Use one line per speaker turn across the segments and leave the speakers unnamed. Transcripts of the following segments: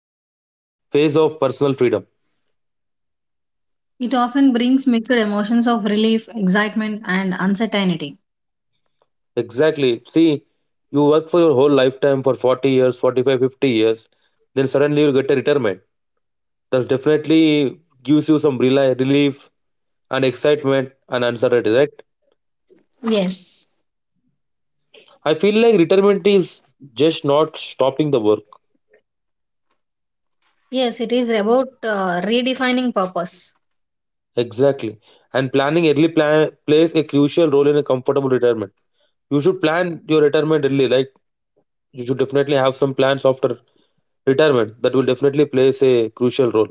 life to a phase of personal freedom.
It often brings mixed emotions of relief, excitement, and uncertainty.
Exactly. See, you work for your whole lifetime for 40 years, 45, 50 years, then suddenly you get a retirement that definitely gives you some relief and excitement and uncertainty, right?
Yes,
I feel like retirement is just not stopping the work.
yes, it is about redefining purpose.
Exactly. And planning early plan plays a crucial role in a comfortable retirement. You should plan your retirement early, like you should definitely have some plans after retirement that will definitely plays a crucial role.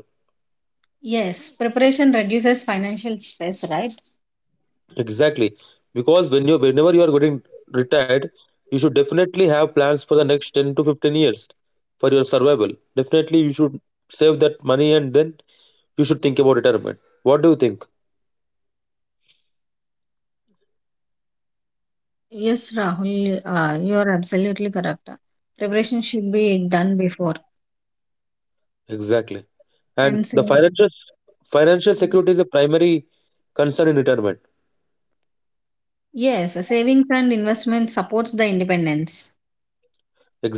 Yes, preparation reduces financial stress, right?
Exactly. Because whenever you are getting retired, you should definitely have plans for the next 10 to 15 years for your survival. Definitely you should save that money and then you should think about retirement. What do you think?
Yes, Rahul, you're absolutely correct. Preparation should be done before.
Exactly. And
And
the
sa-
financial security is a primary concern in retirement.
yes, savings and investment supports the independence.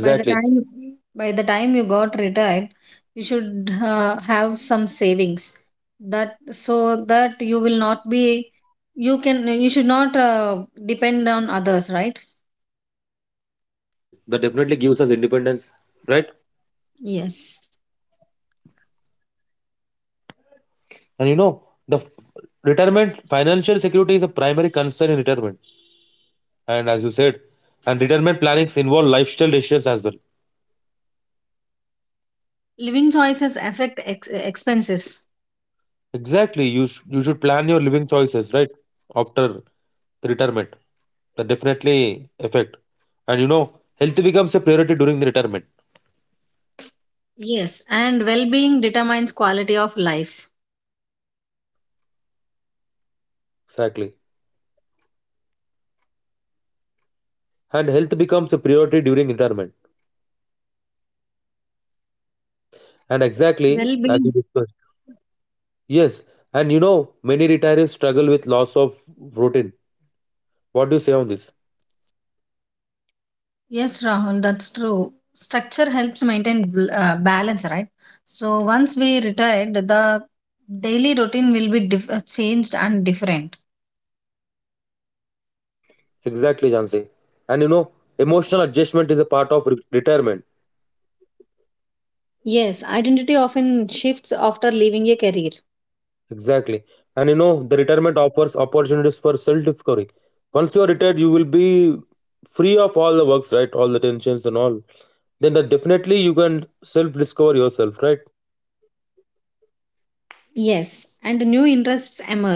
By the time by the time you got retired, you should have some savings that so that you will not be you can you should not depend on others, right?
Exactly, Janshi. That definitely gives us independence, right?
Yes.
And retirement financial security is a primary concern in retirement. And as you said, and retirement plannings involve lifestyle decisions as well.
Living choices affect expenses.
Exactly, you should plan your living choices right after the retirement. That definitely affect. And you know, health becomes a priority during the retirement.
Yes, and well-being determines quality of life.
Exactly, and health becomes a priority during retirement. And exactly as we
Well-being
discussed. Yes, and you know, many retirees struggle with loss of routine. What do you say on this?
Yes, Rahul, that's true. Structure helps maintain balance, right? So once we retired, the daily routine will be changed and different.
Exactly, Jansi. And you know, emotional adjustment is a part of retirement.
Yes, identity often shifts after leaving a career.
Exactly. And you know, the retirement offers opportunities for self discovery. Once you are retired, you will be free of all the works, right? All the tensions and all. Then that definitely you can self discover yourself, right?
Yes, and new interests emerge.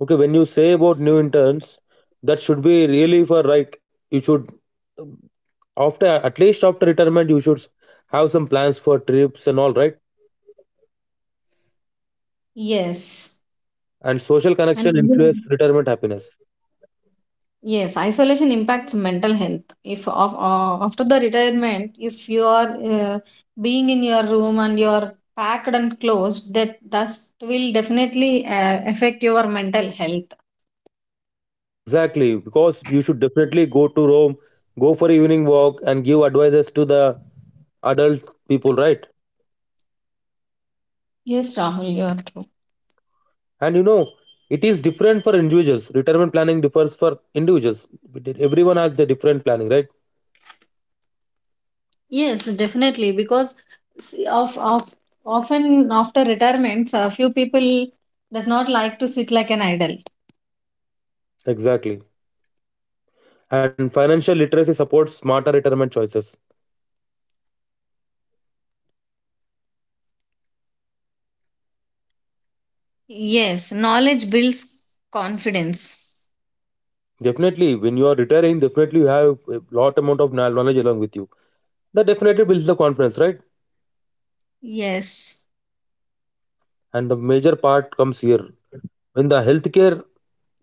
Okay, when you say about new interns, that should be really for like you should um, after at least after retirement you should have some plans for trips and all, right?
Yes.
And social
And
connection influence retirement happiness.
Yes, isolation impacts mental health. If of, After the retirement, if you are being in your room and you are packed and closed, that will definitely affect your mental health.
Exactly, because you should definitely go to Rome, go for evening walk, and give advices to the adult people, right?
Yes, Rahul, you are true.
And you know, it is different for individuals. Retirement planning differs for individuals. Everyone has the different planning, right?
Yes, definitely because see, of often after retirement, a few people does not like to sit like an idol.
Exactly. And financial literacy supports smarter retirement choices.
Yes, knowledge builds confidence.
Definitely, when you are retiring, definitely you have a lot amount of knowledge along with you. That definitely builds the confidence, right?
Yes.
And the major part comes here when the healthcare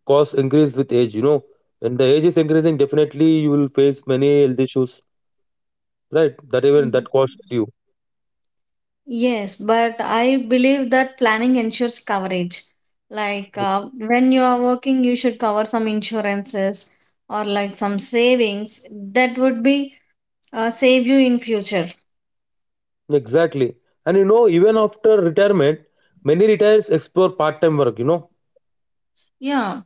costs increase with age. You know, when the age is increasing, definitely you will face many health issues, right? That even that costs you.
Yes, but I believe that planning ensures coverage. Like when you are working, you should cover some insurances or like some savings that would be save you in future.
Exactly. And you know, even after retirement, many retirees explore part-time work, you know.
Yeah,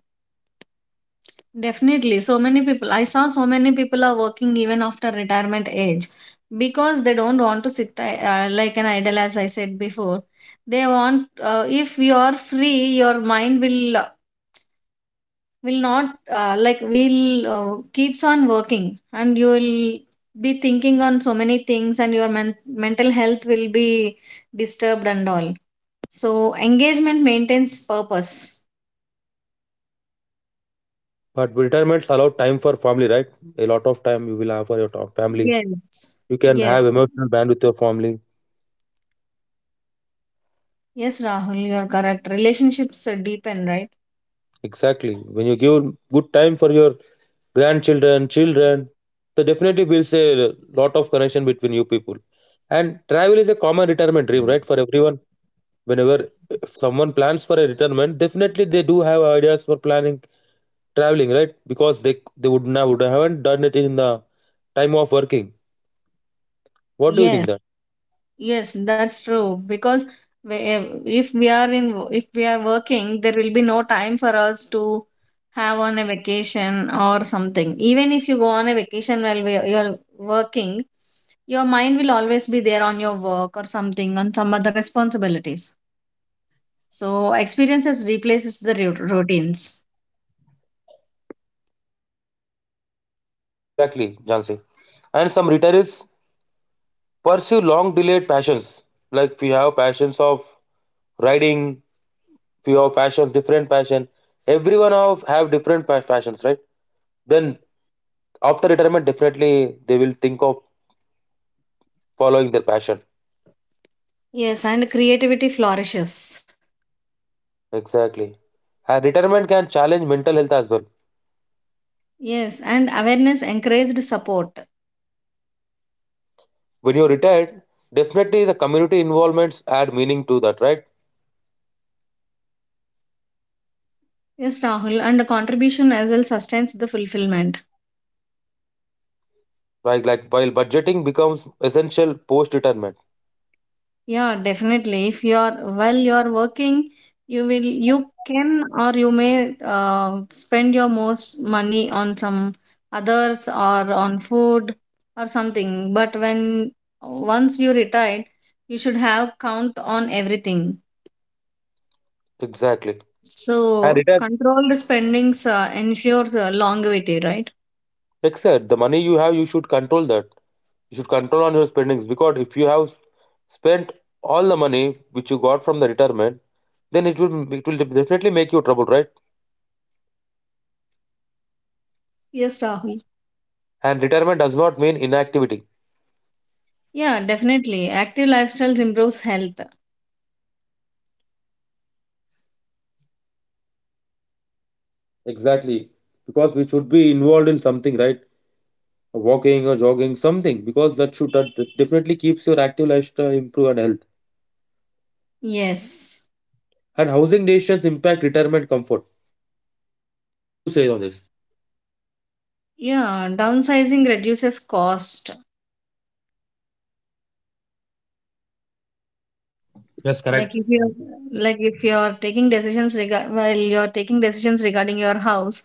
definitely. So many people, I saw so many people are working even after retirement age because they don't want to sit like an idle, as I said before. They want, if you are free, your mind will not like will keeps on working and you will be thinking on so many things and mental health will be disturbed and all, so engagement maintains purpose.
But retirements allow time for family, right? A lot of time you will have for your family.
yes
You can
yes
have emotional band with your family.
yes Rahul, you're correct. Relationships deepen, right?
Exactly, when you give good time for your grandchildren, children, so definitely builds a lot of connection between you people. And travel is a common retirement dream, right, for everyone. Whenever, if someone plans for a retirement, definitely they do have ideas for planning traveling, right? Because they would now would haven't done it in the time of working. What do you think
Yes.
that?
Yes, that's true. Because we, if we are in, if we are working, there will be no time for us to have on a vacation or something. Even if you go on a vacation while you're working, your mind will always be there on your work or something, on some other responsibilities. So experiences replaces the routines.
Exactly, Jansi. And some retirees pursue long delayed passions. Like we have passions of riding, we have passions, different passion. Everyone have different passions, right? Then after retirement, definitely they will think of following their passion.
Yes, and creativity flourishes.
Exactly. And retirement can challenge mental health as well.
Yes, and awareness encouraged support.
When you're retired, definitely the community involvements add meaning to that, right?
Yes, Rahul, and contribution as well sustains the fulfillment.
Like while budgeting becomes essential post retirement.
Yeah, definitely. If you are while you are working, you will you can or you may spend your most money on some others or on food or something. But when once you retired, you should have count on everything.
Exactly. And
So
retire
controlled spendings ensures longevity, right?
except the money you have, you should control that. You should control on your spendings because if you have spent all the money which you got from the retirement, then it will definitely make you trouble, right?
Yes, Rahul.
And retirement does not mean inactivity.
Yeah, definitely. Active lifestyles improves health.
Exactly. Because we should be involved in something, right? Walking or jogging, something, because that definitely keeps your active lifestyle, improve and health.
Yes.
And housing decisions impact retirement comfort. What do you say on this?
Yeah, downsizing reduces cost.
Yes,
Like
correct.
if you're like if you're taking decisions regard while you're taking decisions regarding your house,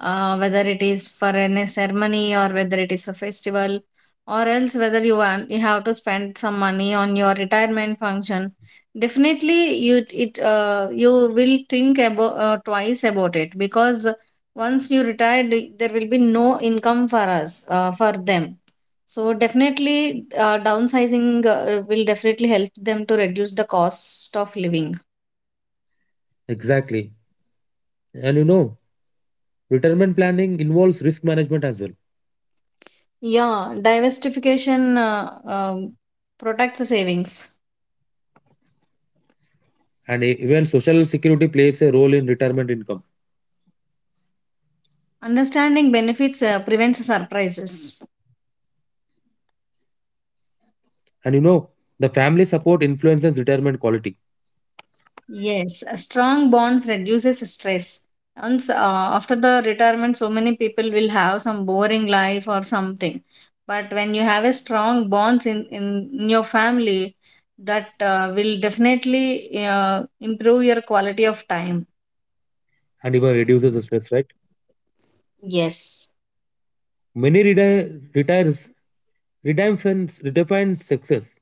whether it is for any ceremony or whether it is a festival or else whether you want you have to spend some money on your retirement function, definitely you it you will think about twice about it because once you retire there will be no income for us for them, so definitely, downsizing will definitely help them to reduce the cost of living.
Exactly. And you know, retirement planning involves risk management as well.
Yeah, diversification protects the savings.
Even social security plays a role in retirement income.
Understanding benefits prevents surprises.
And you know, the family support influences retirement quality
Yes, a strong bonds reduces stress. Once after the retirement, so many people will have some boring life or something. But when you have a strong bonds in your family, that will definitely improve your quality of time.
and even reduces the stress, right?
Yes.
Retires redefine success.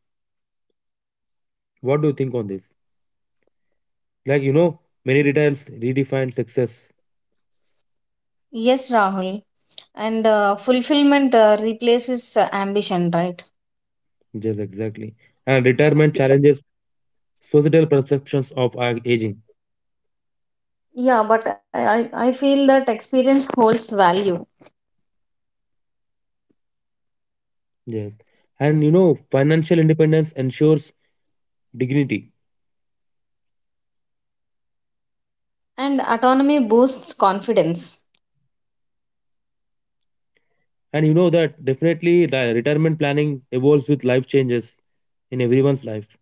What do you think on this? Like you know, many retires redefine success.
Yes, Rahul. And fulfillment replaces ambition, right?
Yes, exactly. And retirement challenges societal perceptions of our aging.
Yeah, but I feel that experience holds value,
Yes. And you know, financial independence ensures dignity.
and autonomy boosts confidence.
And you know that definitely the retirement planning evolves with life changes in everyone's life.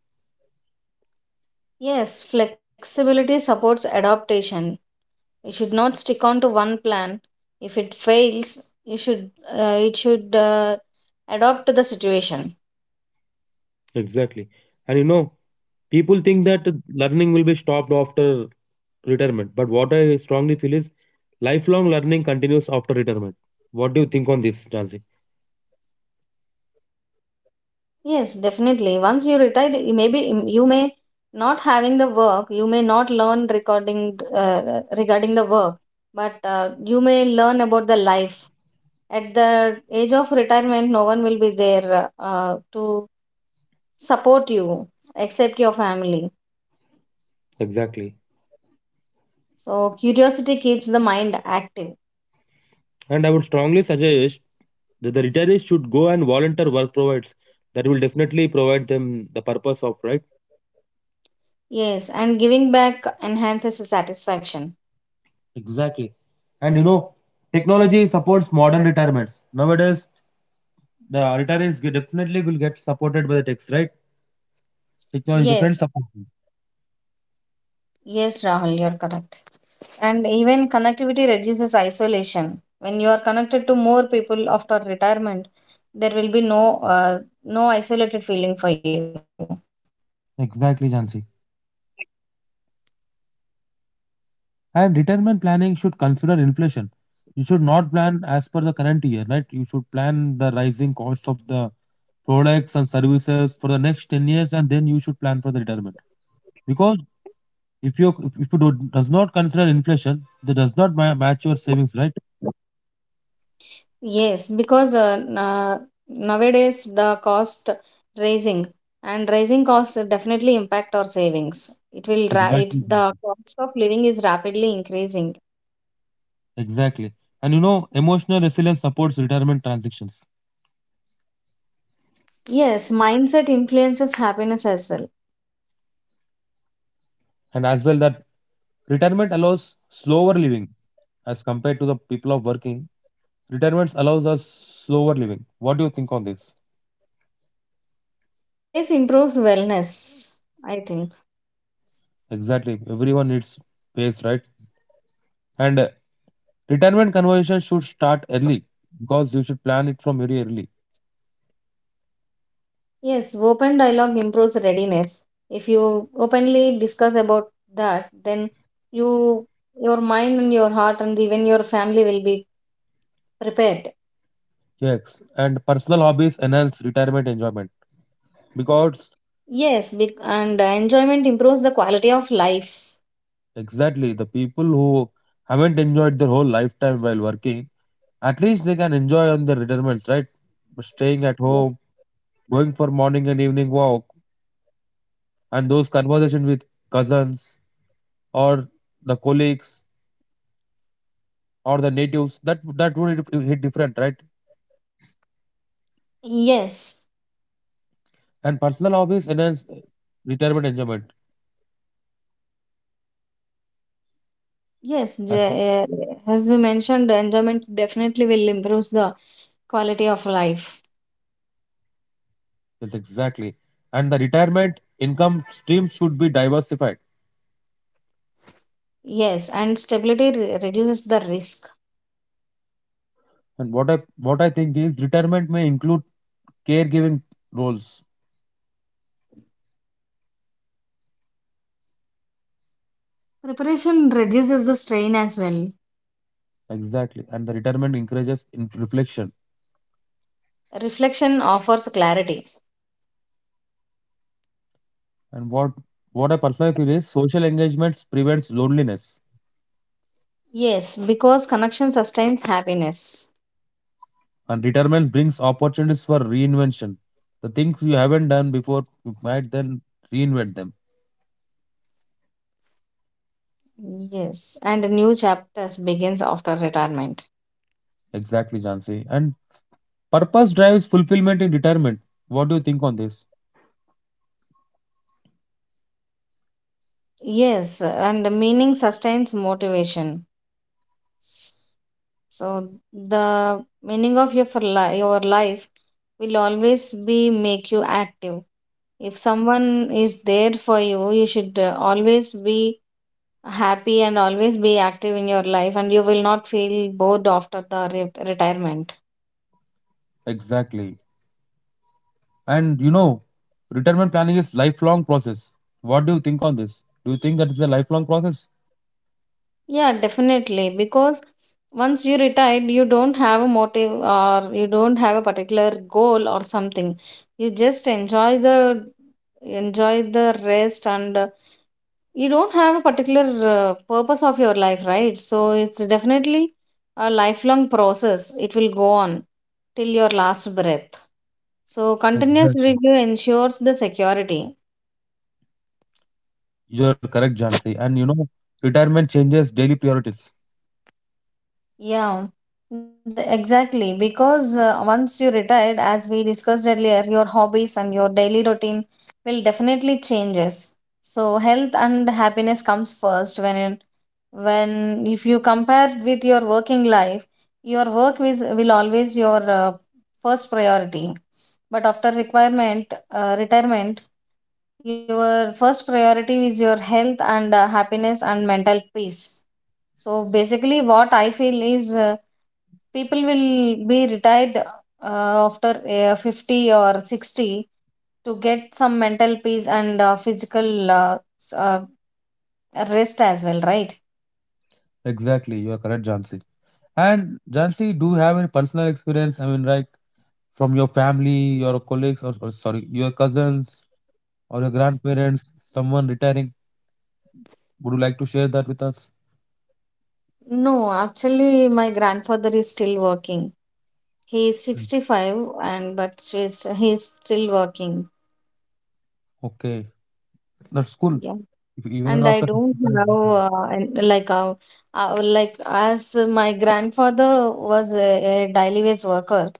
Yes, flexibility supports adaptation. You should not stick on to one plan. If it fails, you should it should adapt to the situation.
Exactly. And you know, people think that learning will be stopped after retirement. But what I strongly feel is lifelong learning continues after retirement. What do you think on this, Jansi?
Yes, definitely. Once you retired, you may be you may not having the work. You may not learn recording regarding the work, but you may learn about the life. At the age of retirement, no one will be there to support you except your family.
Exactly.
So, curiosity keeps the mind active.
And I would strongly suggest that the retirees should go and volunteer work provides. That will definitely provide them the purpose of right.
Yes, and giving back enhances the satisfaction.
Exactly. And you know, technology supports modern retirements. Nowadays, the definitely will get supported by the techs, right? Technology definitely
Yes,
supports them.
yes, Rahul, you're correct. And even connectivity reduces isolation. When you are connected to more people after retirement, there will be no uh, no isolated feeling for you.
Exactly, Jansi. And retirement planning should consider inflation. You should not plan as per the current year, right? You should plan the rising costs of the products and services for the next 10 years and then you should plan for the retirement. Because if you do, does not consider inflation, that does not match your savings, right?
Yes, because nowadays the cost raising and rising costs definitely impact our savings. It will ra- it,
Exactly.
The cost of living is rapidly increasing.
Exactly. And you know, emotional resilience supports retirement transactions,
Yes, mindset influences happiness as well.
and as well that retirement allows slower living as compared to the people of working. Retirement allows us slower living. What do you think on this?
Pace improves wellness, I think.
Exactly. Everyone needs space, right? And retirement conversation should start early because you should plan it from very early.
Yes, open dialogue improves readiness. If you openly discuss about that, then you your mind and your heart and even your family will be prepared.
Yes. And personal hobbies enhance retirement enjoyment because.
Yes, and enjoyment improves the quality of life.
Exactly. The people who haven't enjoyed their whole lifetime while working, at least they can enjoy on their retirements, right? Staying at
Yes.
home, going for morning and evening walk, and those conversations with cousins or the colleagues or the natives, that that would hit different, right?
Yes,
And personal hobbies enhance retirement enjoyment.
yes,
I think.
j- uh, as we mentioned, enjoyment definitely will improve the quality of life.
Yes, exactly. And the retirement income stream should be diversified.
Yes, and stability reduces the risk.
And what I think is retirement may include caregiving roles.
Preparation reduces the strain as well.
Exactly. And the retirement encourages in reflection.
Reflection offers clarity.
And what I personally feel is social engagement prevents loneliness.
Yes, because connection sustains happiness.
And retirement brings opportunities for reinvention. The things you haven't done before, you might then reinvent them.
Yes, and new chapters begins after retirement.
Exactly, Jansi. And purpose drives fulfillment in retirement. What do you think on this?
Yes, and meaning sustains motivation. So the meaning of your life will always be make you active. If someone is there for you, you should always be happy and always be active in your life and you will not feel bored after the retirement.
Exactly. And you know, retirement planning is lifelong process. What do you think on this? Do you think that it's a lifelong process?
Yeah, definitely, because once you retire you don't have a motive or you don't have a particular goal or something. You just enjoy the rest, and you don't have a particular purpose of your life, right? So it's definitely a lifelong process. It will go on till your last breath. So continuous
Exactly.
review ensures the security.
You're correct, Jansi. And you know, retirement changes daily priorities.
Yeah, exactly. Because once you retired, as we discussed earlier, your hobbies and your daily routine will definitely changes. So health and happiness comes first when when if you compare with your working life, your work is will always your first priority. But after requirement retirement, your first priority is your health and happiness and mental peace. So basically what I feel is, people will be retired after 50 or 60 to get some mental peace and physical rest as well, right?
Exactly, you're correct, Jansi. And Jansi, do you have any personal experience? I mean, like from your family, your colleagues, or sorry, your cousins or your grandparents, someone retiring. Would you like to share that with us?
No, actually, my grandfather is still working. He is
Mm.
65, and he is still working.
Okay, that's cool.
Yeah.
Even after
And I
65
don't
years.
have like, as my grandfather was a daily wage worker.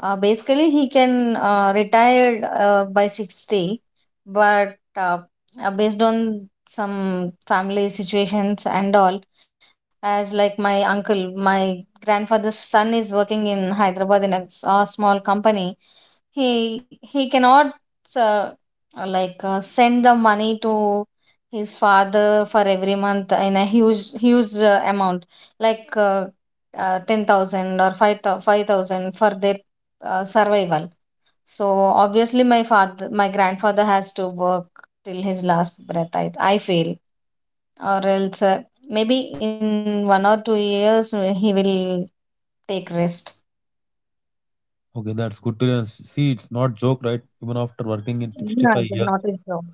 Basically, he can retired by 60, but based on some family situations and all, as like my uncle, my grandfather's son is working in Hyderabad in a small company. He cannot uh, like send the money to his father for every month in a huge amount, like. 10,000 or 5,000 for their survival. So obviously my father my grandfather has to work till his last breath, I feel. Or else maybe in one or two years he will take rest.
Okay, that's good to hear. See, it's not joke, right? Even after working in 65
Yeah, it
years.
is not his job.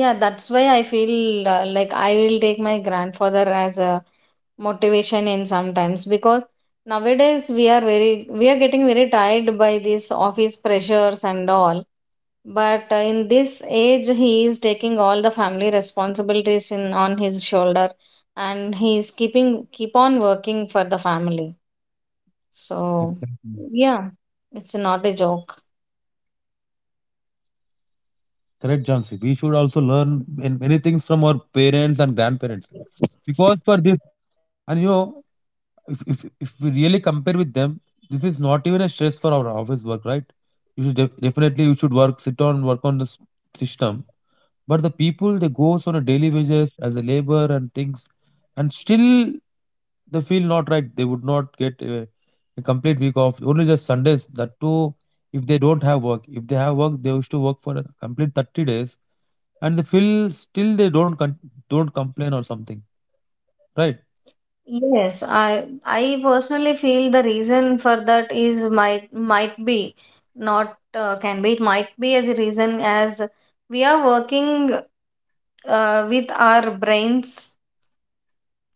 Yeah, that's why I feel like I will take my grandfather as a motivation in sometimes because nowadays we are very we are getting very tired by these office pressures and all, but in this age he is taking all the family responsibilities in on his shoulder and he is keep on working for the family. So,
Exactly.
yeah, it's not a joke.
Correct, Jansi. We should also learn in many things from our parents and grandparents. Because for this, and you know, if we really compare with them, this is not even a stress for our office work, right? You should definitely you should work sit on work on this system. But the people they goes on a daily wages as a labor and things, and still they feel not right. They would not get a complete week off, only just sundays, that too if they don't have work. If they have work, they used to work for a complete 30 days, and they feel still they don't complain or something, right?
Yes, I personally feel the reason for that is might be not can be it might be the reason as we are working with our brains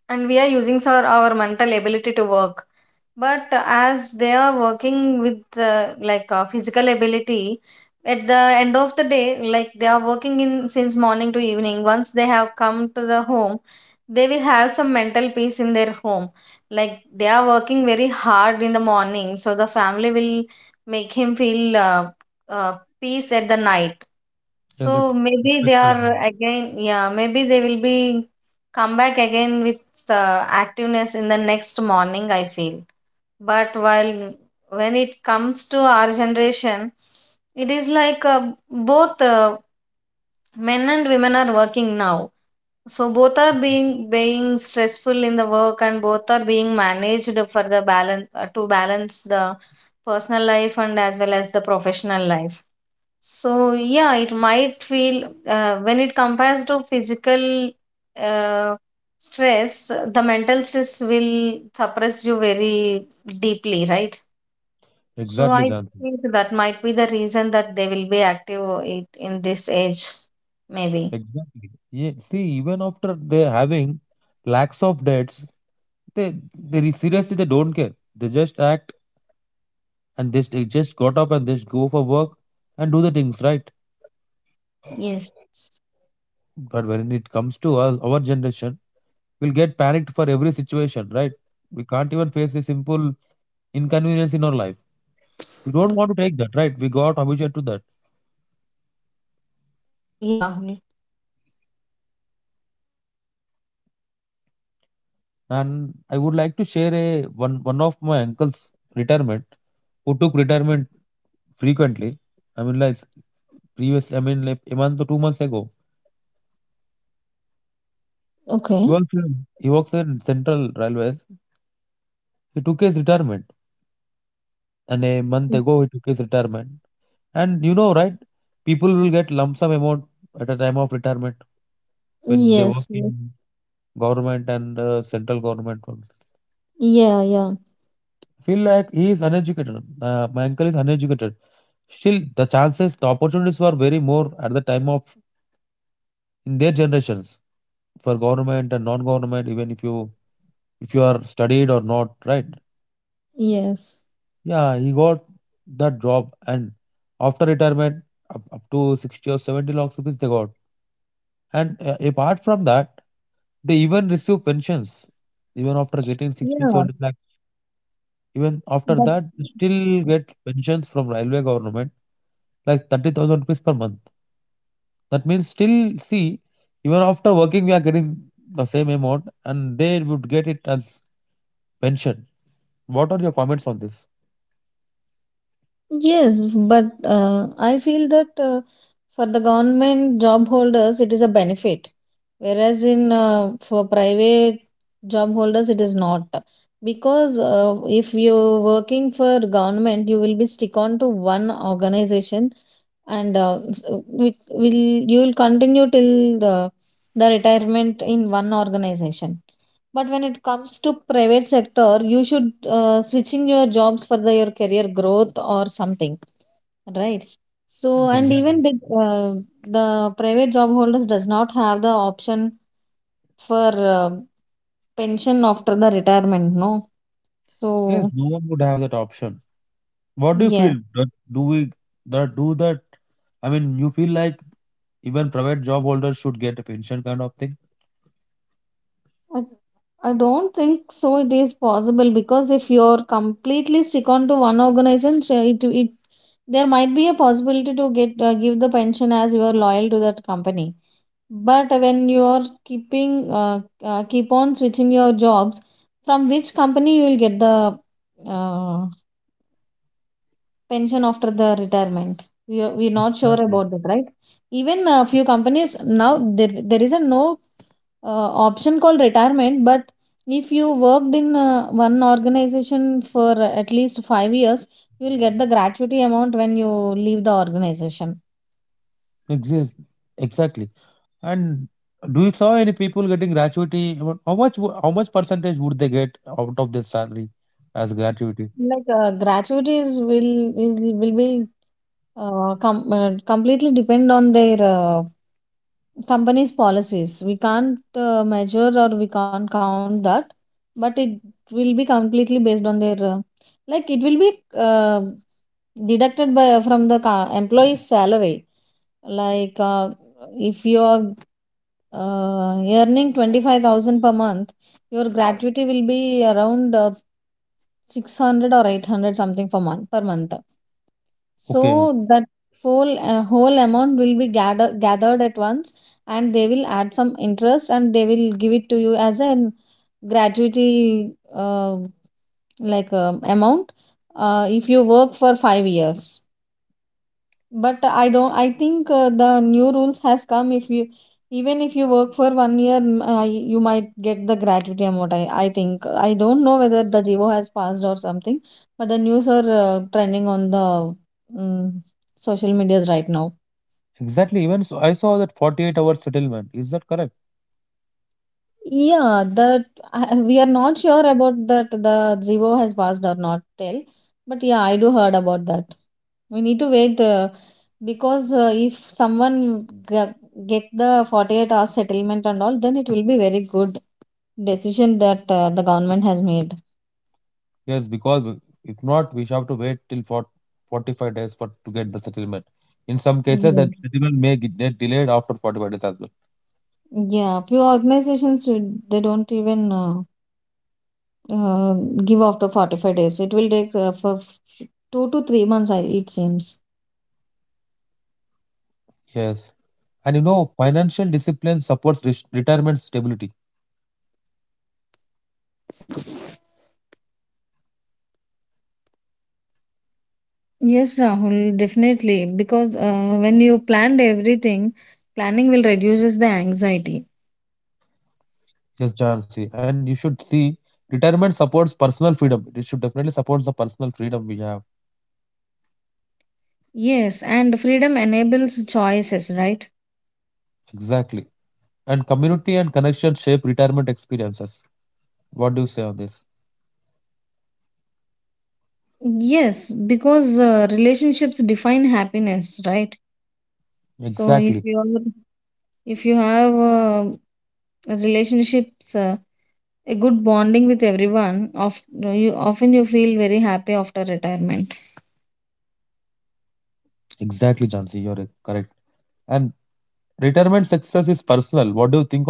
and we are using our mental ability to work. But as they are working with physical ability at the end of the day, like they are working in since morning to evening. Once they have come to the home they will have some mental peace in their home. Like they are working very hard in the morning, so the family will make him feel uh, peace at the night.
Yes, that's
So maybe they
correct.
are again, yeah, maybe they will be come back again with activeness in the next morning, I feel. But while when it comes to our generation, it is like both men and women are working now, so both are being stressful in the work and both are being managed for the balance to balance the personal life and as well as the professional life. So yeah it might feel when it compares to physical uh, stress, the mental stress will suppress you very deeply, right?
Exactly,
So I
Janvi.
think that might be the reason that they will be active it in this age, maybe.
Exactly. Yeah, see, even after they having lakhs of debts, they seriously they don't care. They just act and they just got up and just go for work and do the things right.
Yes.
But when it comes to us, our generation, we'll get panicked for every situation, right? We can't even face a simple inconvenience in our life. We don't want to take that, right? We got habituated to that.
Yes, Rahul.
And I would like to share a one of my uncle's retirement who took retirement frequently, I mean, like previous, I mean, like a month or 2 months ago.
Okay.
He works in Central Railways. He took his retirement, and a month
Mm.
ago he took his retirement. And you know, right? People will get lump sum amount at a time of retirement when they work
Yes. Yes.
in government and central government.
Yeah, yeah.
I feel like he is uneducated. My uncle is uneducated. Still, the chances, the opportunities were very more at the time of in their generations for government and non-government, even if you, if you are studied or not, right?
Yes.
Yeah, he got that job, and after retirement, up to 60 or 70 lakhs rupees they got. And apart from that, they even receive pensions. Even after getting sixty
Yeah,
seventy lakhs, even after
but
that, they still get pensions from railway government, like 30,000 rupees per month. That means still, see, even after working, we are getting the same amount, and they would get it as pension. What are your comments on this?
Yes, but I feel that. For the government job holders, it is a benefit, whereas in for private job holders, it is not. Because if you're working for government, you will be stick on to one organization, and s- we will you will continue till the the retirement in one organization. But when it comes to private sector, you should switching your jobs for your career growth or something, right?
Mhm.
So and
Exactly.
even uh, the private job holders does not have the option for pension after the retirement, no.
Yes, no
So
one would have that option. What do you feel?
yes,
That do that? I mean, you feel like even private job holders should get a pension kind of thing?
I, I don't think so it is possible, because if you're completely stick on to one organization, so it there might be a possibility to get give the pension as you are loyal to that company. But when you're keeping keep on switching your jobs, from which company you will get the uh, pension after the retirement? We're not sure
Exactly.
about that, right? Even a few companies now, there is a no option called retirement, but if you worked in one organization for at least 5 years, you will get the gratuity amount when you leave the organization.
Exist. Exactly. And do you saw any people getting gratuity? What- How much? How much percentage would they get out of their salary as gratuity?
Like gratuities will be completely depend on their company's policies. We can't measure or we can't count that, but it will be completely based on their like it will be deducted by from the employee's salary. Like if you are earning 25,000 per month, your gratuity will be around 600 or 800 something for month per month.
Okay.
So that whole amount will be gathered at once, and they will add some interest and they will give it to you as a gratuity amount if you work for 5 years. But I don't I think the new rules has come, if you even if you work for 1 year, you might get the gratuity amount. I think I don't know whether the jivo has passed or something, but the news are trending on the um, social medias right now.
Exactly. Even so, I saw that 48-hour settlement. Is that correct?
Yeah, that we are not sure about that the Zivo has passed or not till, but yeah, I do heard about that. We need to wait, because if someone get the 48-hour settlement and all, then it will be very good decision that the government has made.
Yes, because if not, we shall have to wait till for 45 days for to get the settlement. In some cases, the
Yeah.
settlement may get delayed after 45 days as well.
Yeah, few organizations they don't even uh, give after 45 days. It will take 2 to 3 months, I it seems.
Yes. And you know, financial discipline supports retirement stability.
Yes, Rahul, definitely. Because when you planned everything, planning will reduces the anxiety.
Yes, Jansi. And you should see retirement supports personal freedom. It should definitely support the personal freedom we have.
Yes, and freedom enables choices, right?
Exactly. And community and connection shape retirement experiences. What do you say on this?
Yes, because relationships define happiness, right? So
Exactly.
if you are, if you have relationships, a good bonding with everyone, of you often you feel very happy after retirement.
Exactly, Jansi. You're correct. And retirement success is personal. What do you think on that?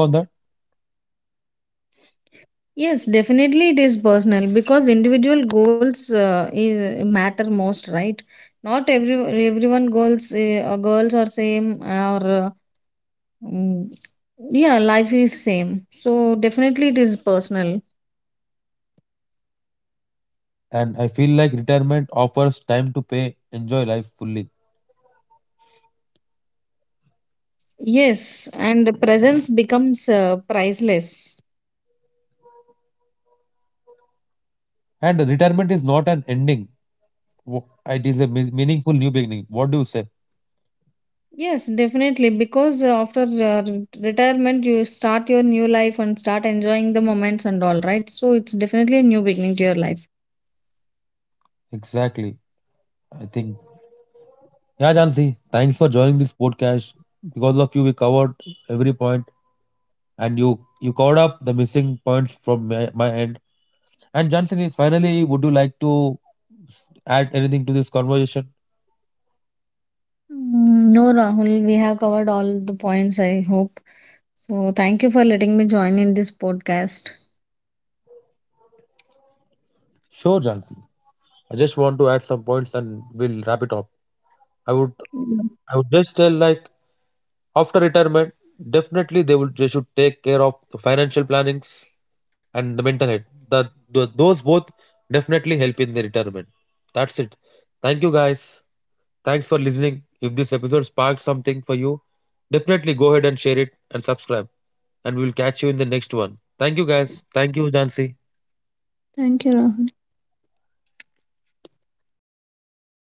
Yes, definitely it is personal because individual goals matter most, right? Not every everyone goals or girls are same or mm, yeah, life is same. So definitely it is personal.
And I feel like retirement offers time to pay, enjoy life fully.
Yes, and the presence becomes priceless.
And retirement is not an ending; it is a meaningful new beginning. What do you say?
Yes, definitely because retirement you start your new life and start enjoying the moments and all, right? So it's definitely a new beginning to your life.
Exactly, I think. Yeah, Jansi, thanks for joining this podcast. Because of you, we covered every point, and you covered up the missing points from my end. And Jansi, finally, would you like to add anything to this conversation?
Mm, no, Rahul, we have covered all the points, I hope. So, thank you for letting me join in this podcast.
Sure, Jansi. I just want to add some points, and we'll wrap it up. I would
Yeah.
I would just tell like after retirement, definitely they should take care of the financial plannings and the mental health. Those both definitely help in the retirement. That's it. Thank you guys. Thanks for listening. If this episode sparked something for you, definitely go ahead and share it and subscribe. And we'll catch you in the next one. Thank you guys. Thank you, Jansi.
Thank you, Rahul.